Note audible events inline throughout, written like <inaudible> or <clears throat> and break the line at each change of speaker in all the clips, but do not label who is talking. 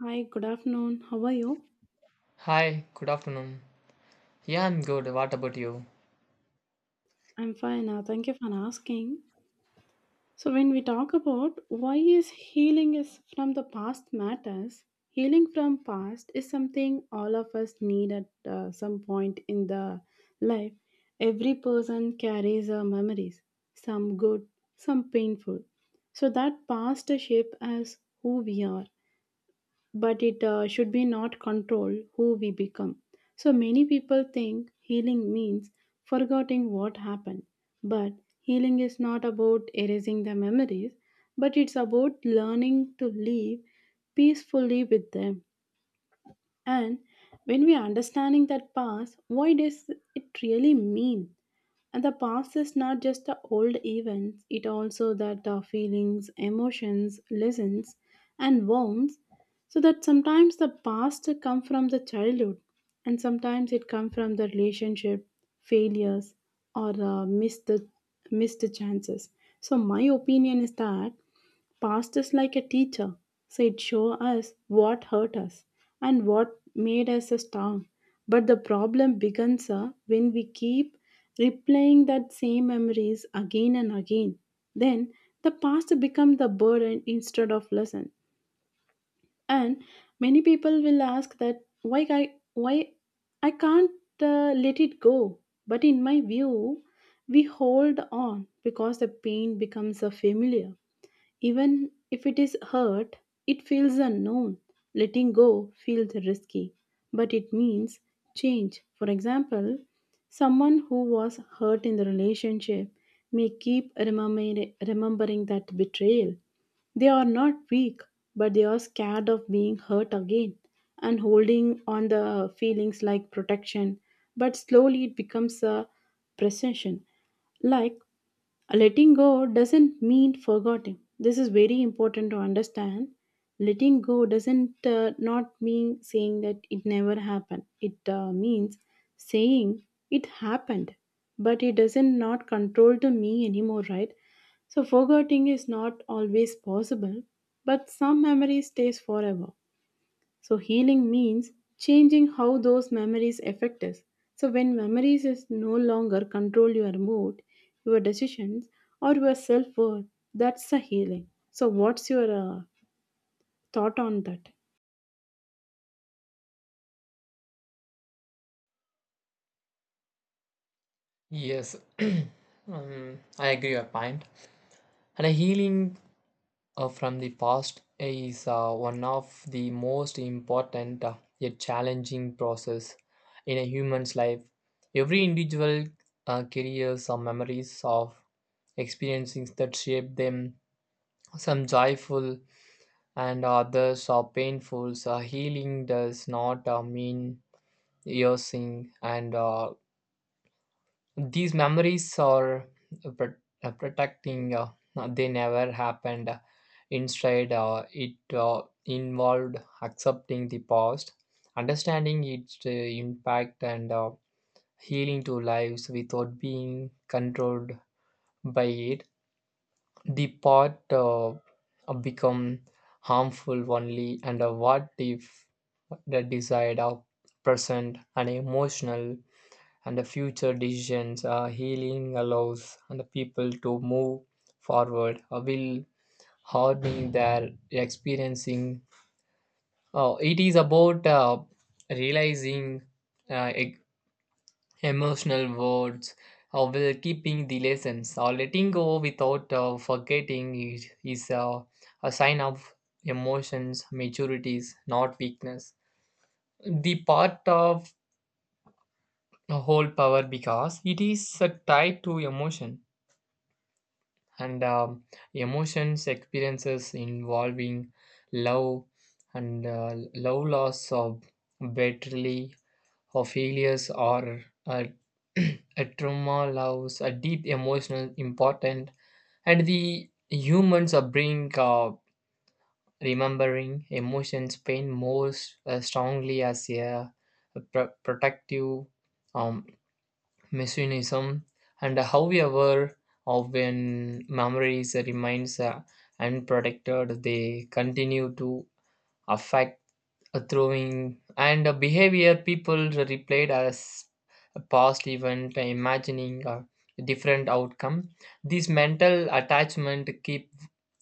Hi, good afternoon. How are you?
Hi, good afternoon. Yeah, I'm good. What about you?
I'm fine. Thank you for asking. So, when we talk about why is healing is from the past matters, healing from past is something all of us need at some point in the life. Every person carries memories, some good, some painful. So that past shape as who we are. But it should be not control who we become. So many people think healing means forgetting what happened, but healing is not about erasing the memories, but it's about learning to live peacefully with them. And when we are understanding that past, what does it really mean? And the past is not just the old events, it also that the feelings, emotions, lessons, and wounds. So that sometimes the past come from the childhood, and sometimes it come from the relationship, failures, or missed chances. So my opinion is that past is like a teacher, so it shows us what hurt us and what made us strong. But the problem begins when we keep replaying that same memories again and again. Then the past becomes the burden instead of lesson. And many people will ask that why I can't let it go. But in my view, we hold on because the pain becomes a familiar even if it is hurt, it feels unknown. Letting go feels risky, but it means change. For example, someone who was hurt in the relationship may keep remembering that betrayal. They are not weak, but they are scared of being hurt again and holding on the feelings like protection. But slowly it becomes a possession. Like, letting go doesn't mean forgetting. This is very important to understand. Letting go doesn't not mean saying that it never happened. It means saying it happened, but it doesn't not control to me anymore, right? So forgetting is not always possible, but some memory stays forever. So healing means changing how those memories affect us. So when memories is no longer control your mood, your decisions or your self-worth, that's a healing. So what's your thought on that?
Yes, <clears throat> I agree your point. And a healing from the past is one of the most important yet challenging process in a human's life. Every individual carries some memories of experiences that shape them. Some joyful and others are painful. So healing does not mean erasing and these memories are pro- protecting, they never happened. Instead, it involved accepting the past, understanding its impact, and healing to lives without being controlled by it. The part become harmful only, and what if the desired are present and emotional and the future decisions healing allows and the people to move forward will hardening their experiencing it is about realizing uh, e- emotional words while keeping the lessons or letting go without forgetting is a sign of emotions maturities not weakness the part of whole power because it is tied to emotion and emotions experiences involving love and love loss of battery or failures or <clears throat> a trauma loss a deep emotional important and the humans are bring remembering emotions pain most strongly as a protective um, messianism, and how we are aware of when memories, remains unprotected, they continue to affect a throwing and a behavior people replayed as a past event, imagining a different outcome. This mental attachment keep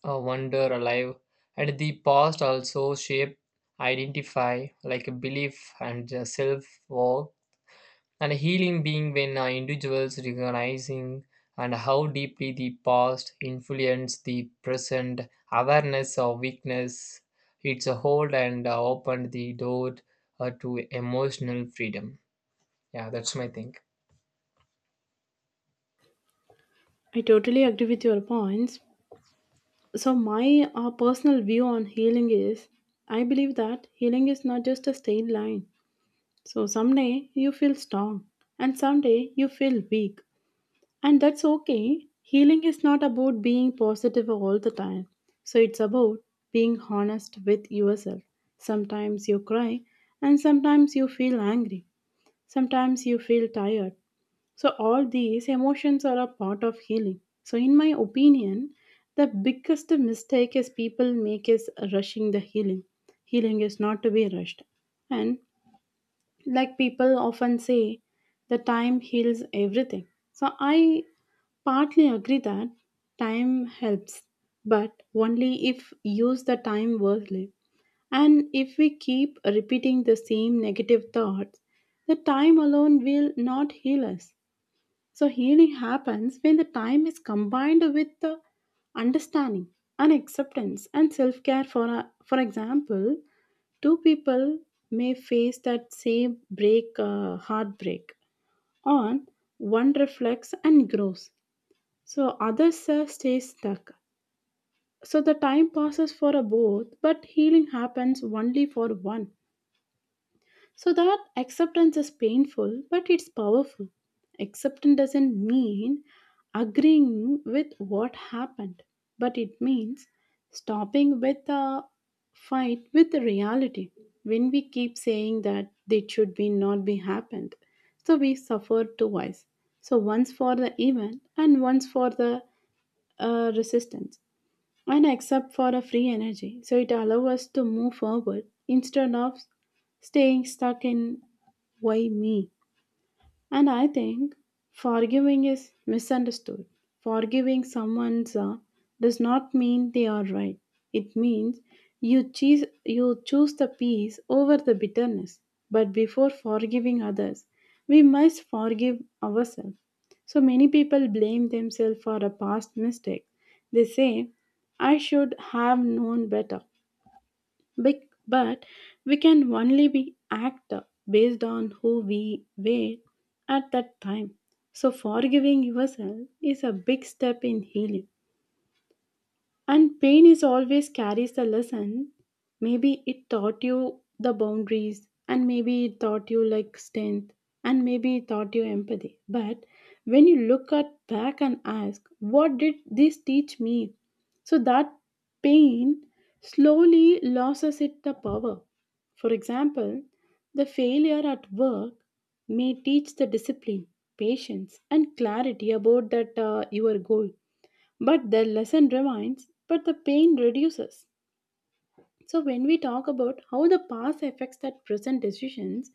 wonder alive, and the past also shape identify like a belief and self worth and healing being when individuals recognizing and how deeply the past influenced the present awareness of weakness it's a hold and opened the door to emotional freedom. Yeah, that's my thing.
I totally agree with your points. So, my personal view on healing is I believe that healing is not just a straight line. So, someday you feel strong, and someday you feel weak. And that's okay. Healing is not about being positive all the time. So it's about being honest with yourself. Sometimes you cry, and sometimes you feel angry. Sometimes you feel tired. So all these emotions are a part of healing. So, in my opinion, the biggest mistake is people make is rushing the healing. Healing is not to be rushed. And like people often say, the time heals everything, so I partly agree that time helps, but only if use the time wisely. And if we keep repeating the same negative thoughts, the time alone will not heal us. So healing happens when the time is combined with the understanding and acceptance and self-care for a, for example, two people may face that same break heartbreak on one reflects and grows so others stay stuck. So the time passes for a both, but healing happens only for one. So that acceptance is painful, but it's powerful. Acceptance doesn't mean agreeing with what happened, but it means stopping with the fight with the reality. When we keep saying that it should be not be happened, so we suffer twice. So once for the event and once for the resistance and except for a free energy. So it allows us to move forward instead of staying stuck in why me. And I think forgiving is misunderstood. Forgiving someone does not mean they are right. It means you choose the peace over the bitterness. But before forgiving others, we must forgive ourselves. So many people blame themselves for a past mistake. They say, I should have known better. But we can only be act based on who we were at that time. So forgiving yourself is a big step in healing. And pain is always carries a lesson. Maybe it taught you the boundaries, and maybe it taught you like strength, and maybe it taught you empathy. But when you look at back and ask, what did this teach me? So that pain slowly loses it the power. For example, the failure at work may teach the discipline, patience, and clarity about that your goal, but the lesson remains, but the pain reduces. So, when we talk about how the past affects that present decisions,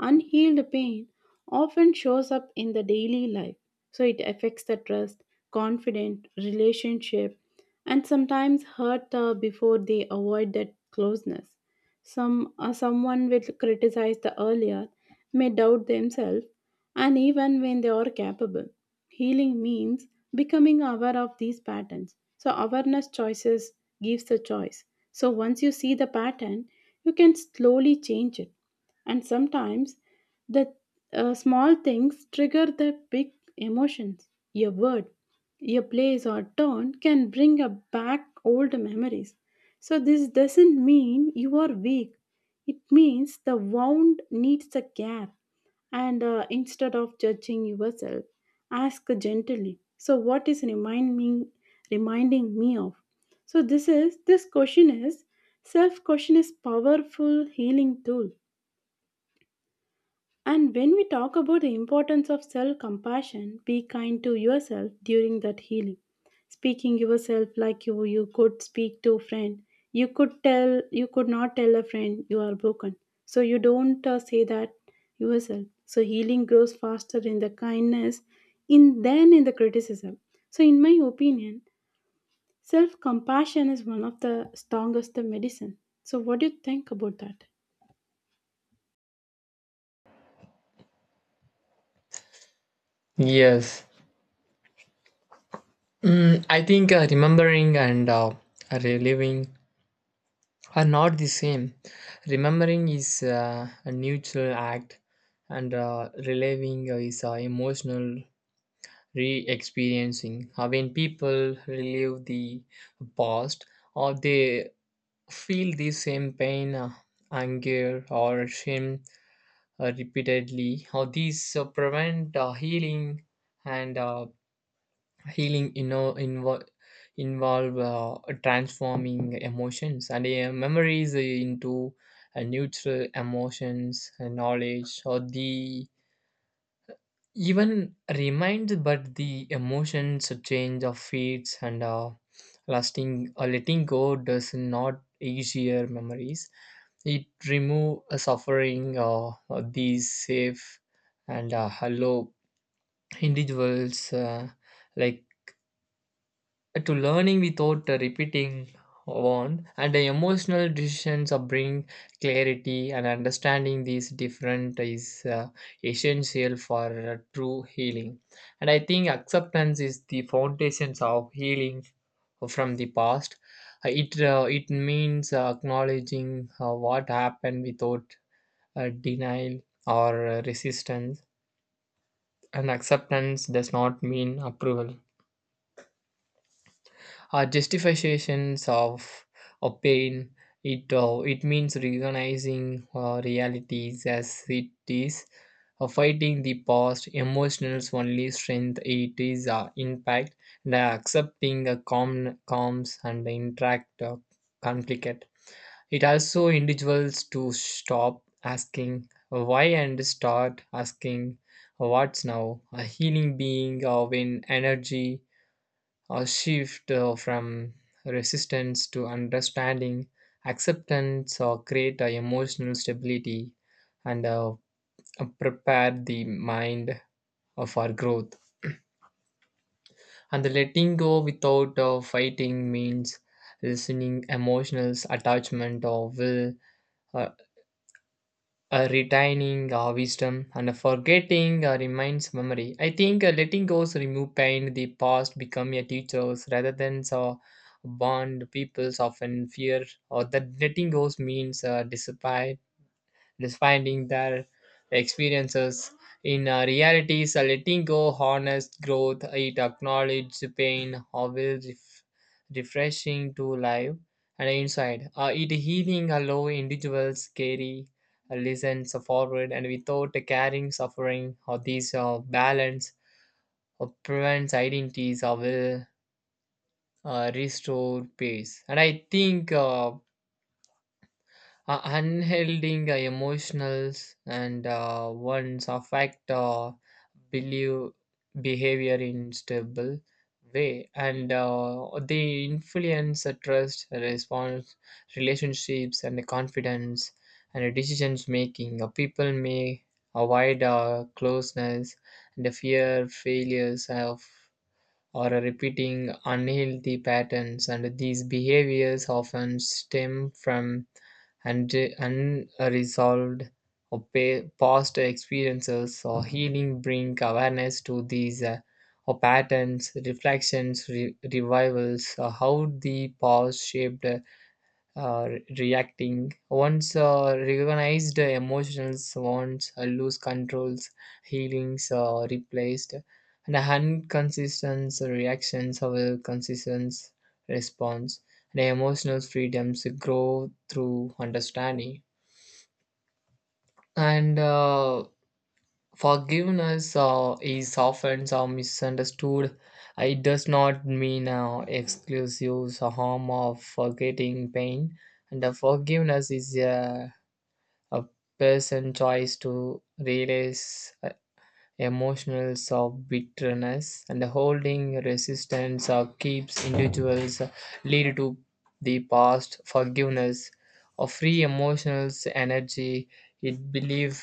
unhealed pain often shows up in the daily life. So, it affects the trust, confidence, relationship, and sometimes hurt before they avoid that closeness. Someone will criticize the earlier may doubt themselves and even when they are capable, healing means becoming aware of these patterns. So, awareness choices gives the choice. So, once you see the pattern, you can slowly change it. And sometimes the small things trigger the big emotions. Your word, your place, or tone can bring up back old memories. So, this doesn't mean you are weak, it means the wound needs the care and instead of judging yourself ask gently so what is reminding me of, so this is this question is self question is powerful healing tool. And when we talk about the importance of self compassion, be kind to yourself during that healing. Speaking yourself like you could speak to a friend. You could tell, you could not tell a friend you are broken. So you don't say that yourself. So healing grows faster in the kindness in than in the criticism. So in my opinion, self compassion is one of the strongest medicine. So what do you think about that?
Yes. I think remembering and reliving are not the same. Remembering is a neutral act and reliving is emotional re experiencing. When people relive the past or they feel the same pain, anger, or shame repeatedly, or these prevent healing and healing involve transforming emotions and memories into neutral emotions and knowledge or the even reminds but the emotions change of feeds and lasting letting go does not easier memories. It remove a suffering, these safe and hello individuals like to learning without repeating one and the emotional decisions of bring clarity and understanding these different is essential for true healing. And I think acceptance is the foundations of healing from the past. It means acknowledging what happened without denial or resistance. And acceptance does not mean approval, our justifications of pain. It means recognizing realities as it is, fighting the past, emotions only strength, it is impact, and accepting the calms and interact conflict. It also individuals to stop asking why and start asking what's now. A healing being of an energy a shift from resistance to understanding, acceptance, or create a emotional stability and prepare the mind for growth. And the letting go without fighting means listening emotional attachment or will. uh, Retaining wisdom and forgetting reminds memory. I think letting go remove pain, the past become a teachers rather than so bond peoples often fear or that letting goes means disappear. It is finding their experiences in reality is a letting go, honest growth. It acknowledges pain, always refreshing to live and inside. It healing allow individuals carry lessons forward and without carrying suffering or these balance or prevents identities or will restore peace. And I think. Unhelding emotionals and ones affect believe behavior in stable way and they influence trust response relationships and the confidence and the decisions making. People may avoid closeness and the fear failures of or repeating unhealthy patterns. And these behaviors often stem from and unresolved or past experiences or healing bring awareness to these or patterns reflections revivals how the past shaped reacting. Once recognized emotions, wants lose controls, healings replaced, and inconsistent reactions of a consistent response. And emotional freedoms grow through understanding. And forgiveness is often so misunderstood. It does not mean exclusive harm of forgetting pain. And forgiveness is a person choice to release emotions of bitterness and holding resistance keeps individuals lead to the past forgiveness of free emotional energy. It believe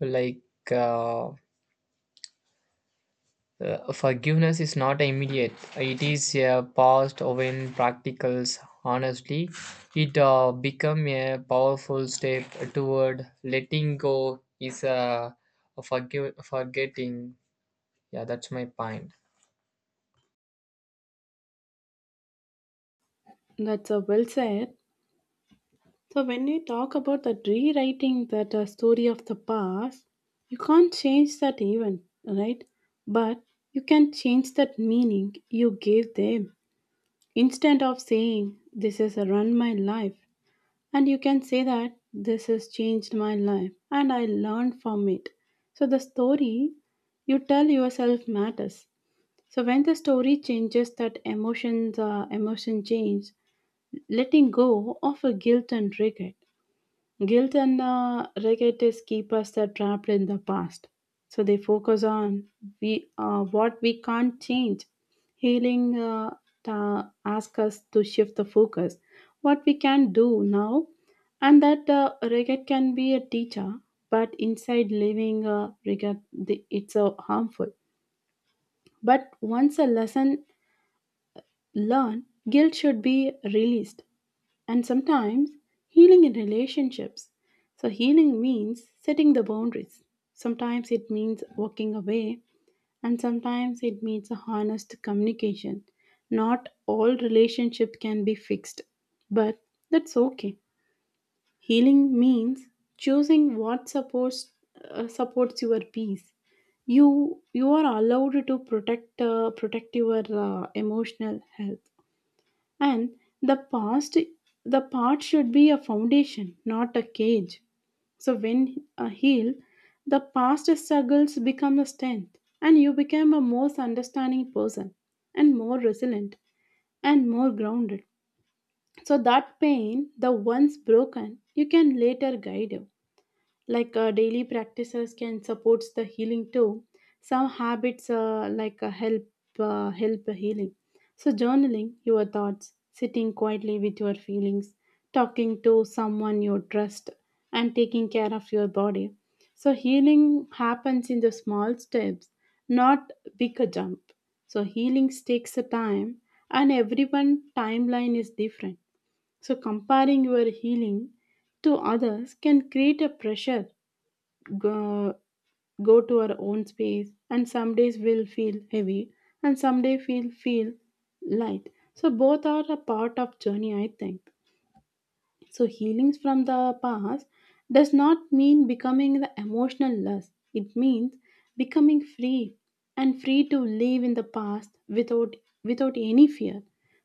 like. Uh, Forgiveness is not immediate. It is a past when practicals. Honestly, it become a powerful step toward letting go is forgive, forgetting. Yeah, that's my point.
That's a well said. So when you talk about that rewriting that story of the past, you can't change that event, right? But you can change that meaning you gave them. Instead of saying this has run my life, and you can say that this has changed my life and I learned from it. So the story you tell yourself matters. So when the story changes, that emotion change, letting go of a guilt and regret. Guilt and regret is keep us trapped in the past. So they focus on we what we can't change. Healing ask us to shift the focus. What we can do now, and that regret can be a teacher, but inside living regret, the, it's harmful. But once a lesson learned, guilt should be released and sometimes healing in relationships. So, healing means setting the boundaries. Sometimes it means walking away, and sometimes it means a honest communication. Not all relationship can be fixed, but that's okay. Healing means choosing what supports your peace. You are allowed to protect your emotional health. And the past, the part should be a foundation, not a cage. So when healed, the past struggles become a strength, and you become a more understanding person, and more resilient, and more grounded. So that pain, the once broken, you can later guide you like daily practices can supports the healing too. Some habits like help healing, so journaling your thoughts, sitting quietly with your feelings, talking to someone you trust, and taking care of your body. So healing happens in the small steps, not big a jump. So healing takes a time and everyone timeline is different. So comparing your healing to others can create a pressure. Go, go to our own space, and some days will feel heavy and some day feel light, so both are a part of journey I think. So healings from the past does not mean becoming the emotional less. It means becoming free and free to live in the past without without any fear.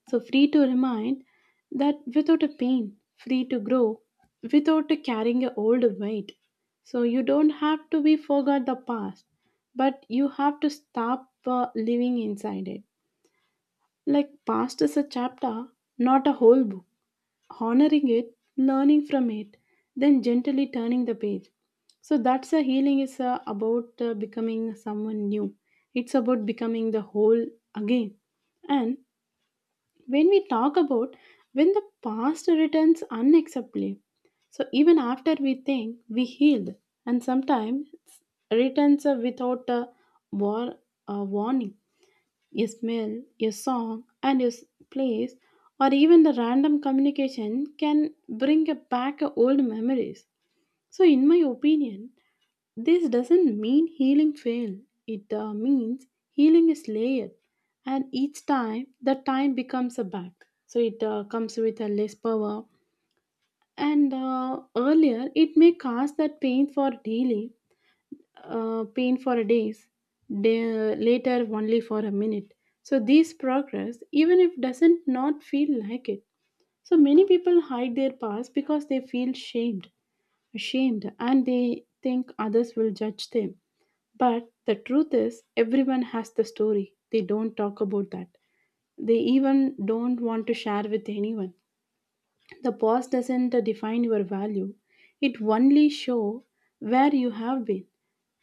So free to remind that without a pain, free to grow, without carrying a old weight. So you don't have to be forgot the past, but you have to stop living inside it. Like past is a chapter, not a whole book, honoring it, learning from it, then gently turning the page. So that's a healing is about becoming someone new. It's about becoming the whole again. And when we talk about when the past returns unacceptably, so even after we think we healed, and sometimes returns without a war, warning, a smell, a song, and a place, or even the random communication can bring back a old memories. So, in my opinion, this doesn't mean healing failed. It means healing is layered, and each time the time becomes a back. So it comes with a less power, and earlier it may cause that pain for a days, day later only for a minute. So these progress, even if doesn't not feel like it. So many people hide their past because they feel ashamed, and they think others will judge them. But the truth is, everyone has the story. They don't talk about that. They even don't want to share with anyone. The pause doesn't define your value. It only show where you have been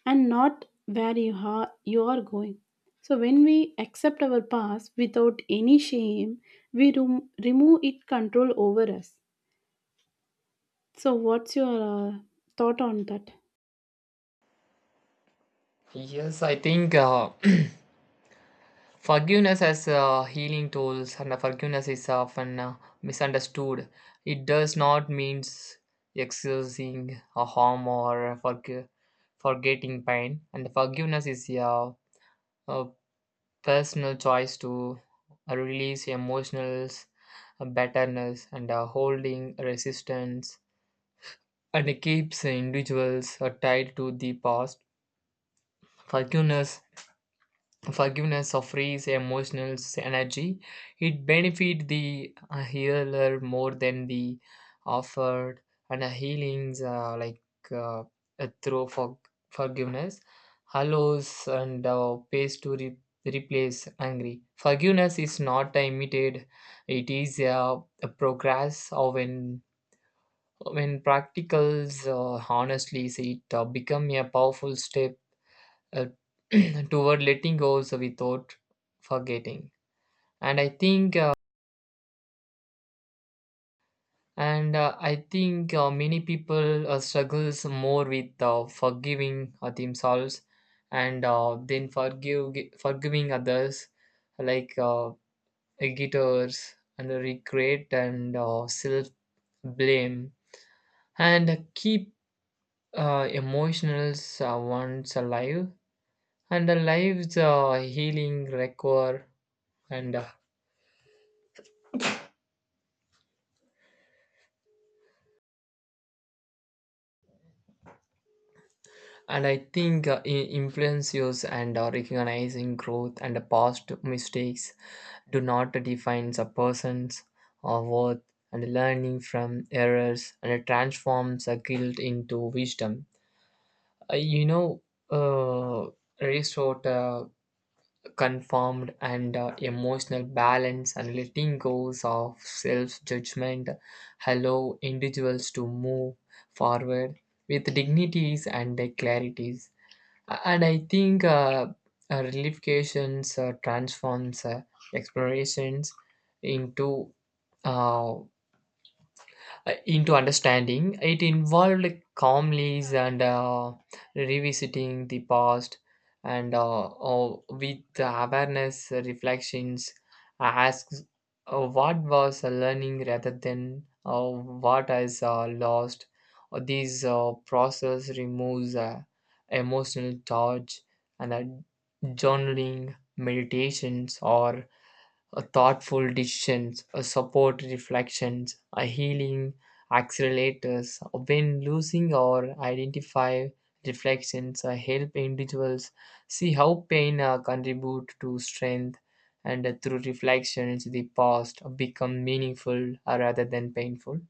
and not where you are going. So when we accept our past without any shame, we remove it control over us. So what's your thought on that?
Yes, I think <clears throat> forgiveness as healing tools, and forgiveness is often misunderstood. It does not mean excusing a harm or forgetting pain, and forgiveness is a personal choice to release emotional bitterness and holding resistance, and it keeps individuals tied to the past. Forgiveness Forgiveness offers emotional energy. It benefits the healer more than the offered, and healings like uh, through forgiveness allows and pays to replace angry. Forgiveness is not imitated. It is a progress. Or When practicals honestly, it become a powerful step uh, <clears throat> toward letting go also without forgetting. And I think and I think many people struggles more with forgiving themselves and then forgive forgiving others, like guitars and regret and self blame and keep emotional ones alive and the lives healing require and uh, and I think influencers and recognizing growth and past mistakes do not define a person's worth, and learning from errors and transforms a guilt into wisdom. Uh, you know uh, Resort confirmed and emotional balance and letting go of self-judgment allow individuals to move forward with dignities and clarities. And I think relifications transforms explorations into uh, into understanding. It involved calmly and revisiting the past and with the awareness, reflections, asks what was learning rather than what is lost. This process removes emotional charge and journaling, meditations, or a thoughtful decisions, a support reflections, a healing accelerators. When losing or identify reflections, help individuals see how pain contribute to strength, and through reflections, the past become meaningful rather than painful.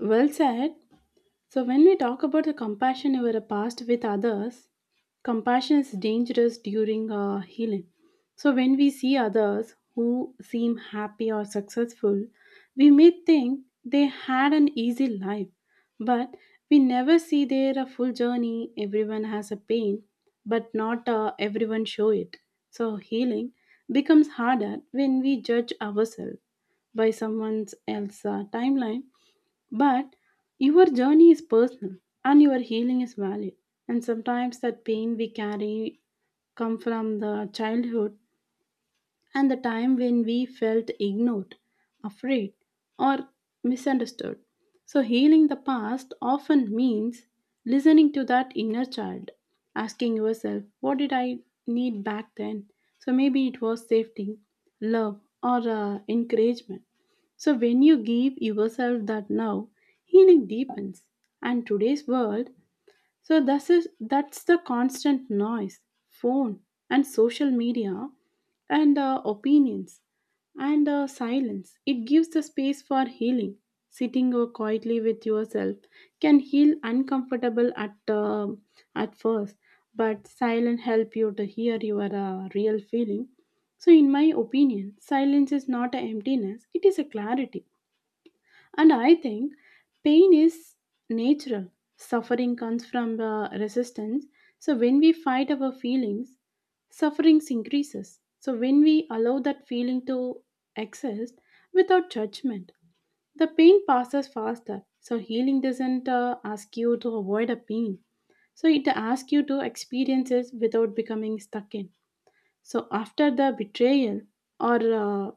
Well said. So when we talk about the compassion over a past with others, compassion is dangerous during healing. So when we see others who seem happy or successful, we may think they had an easy life, but we never see their full journey. Everyone has a pain, but not everyone show it. So healing becomes harder when we judge ourselves by someone else's timeline but your journey is personal and your healing is valid. And sometimes that pain we carry come from the childhood and the time when we felt ignored, afraid, or misunderstood. So, healing the past often means listening to that inner child, asking yourself, what did I need back then? So, maybe it was safety, love, or encouragement. So, when you give yourself that now, healing deepens. And today's world, so this is that's the constant noise, phone and social media, and opinions and silence. It gives the space for healing. Sitting quietly with yourself can heal uncomfortable at first, but silence help you to hear your real feeling. So, in my opinion, silence is not a emptiness; it is a clarity. And I think pain is natural. Suffering comes from resistance. So when we fight our feelings, suffering increases. So when we allow that feeling to exist without judgment, the pain passes faster. So healing doesn't ask you to avoid a pain. So it asks you to experience it without becoming stuck in. So after the betrayal or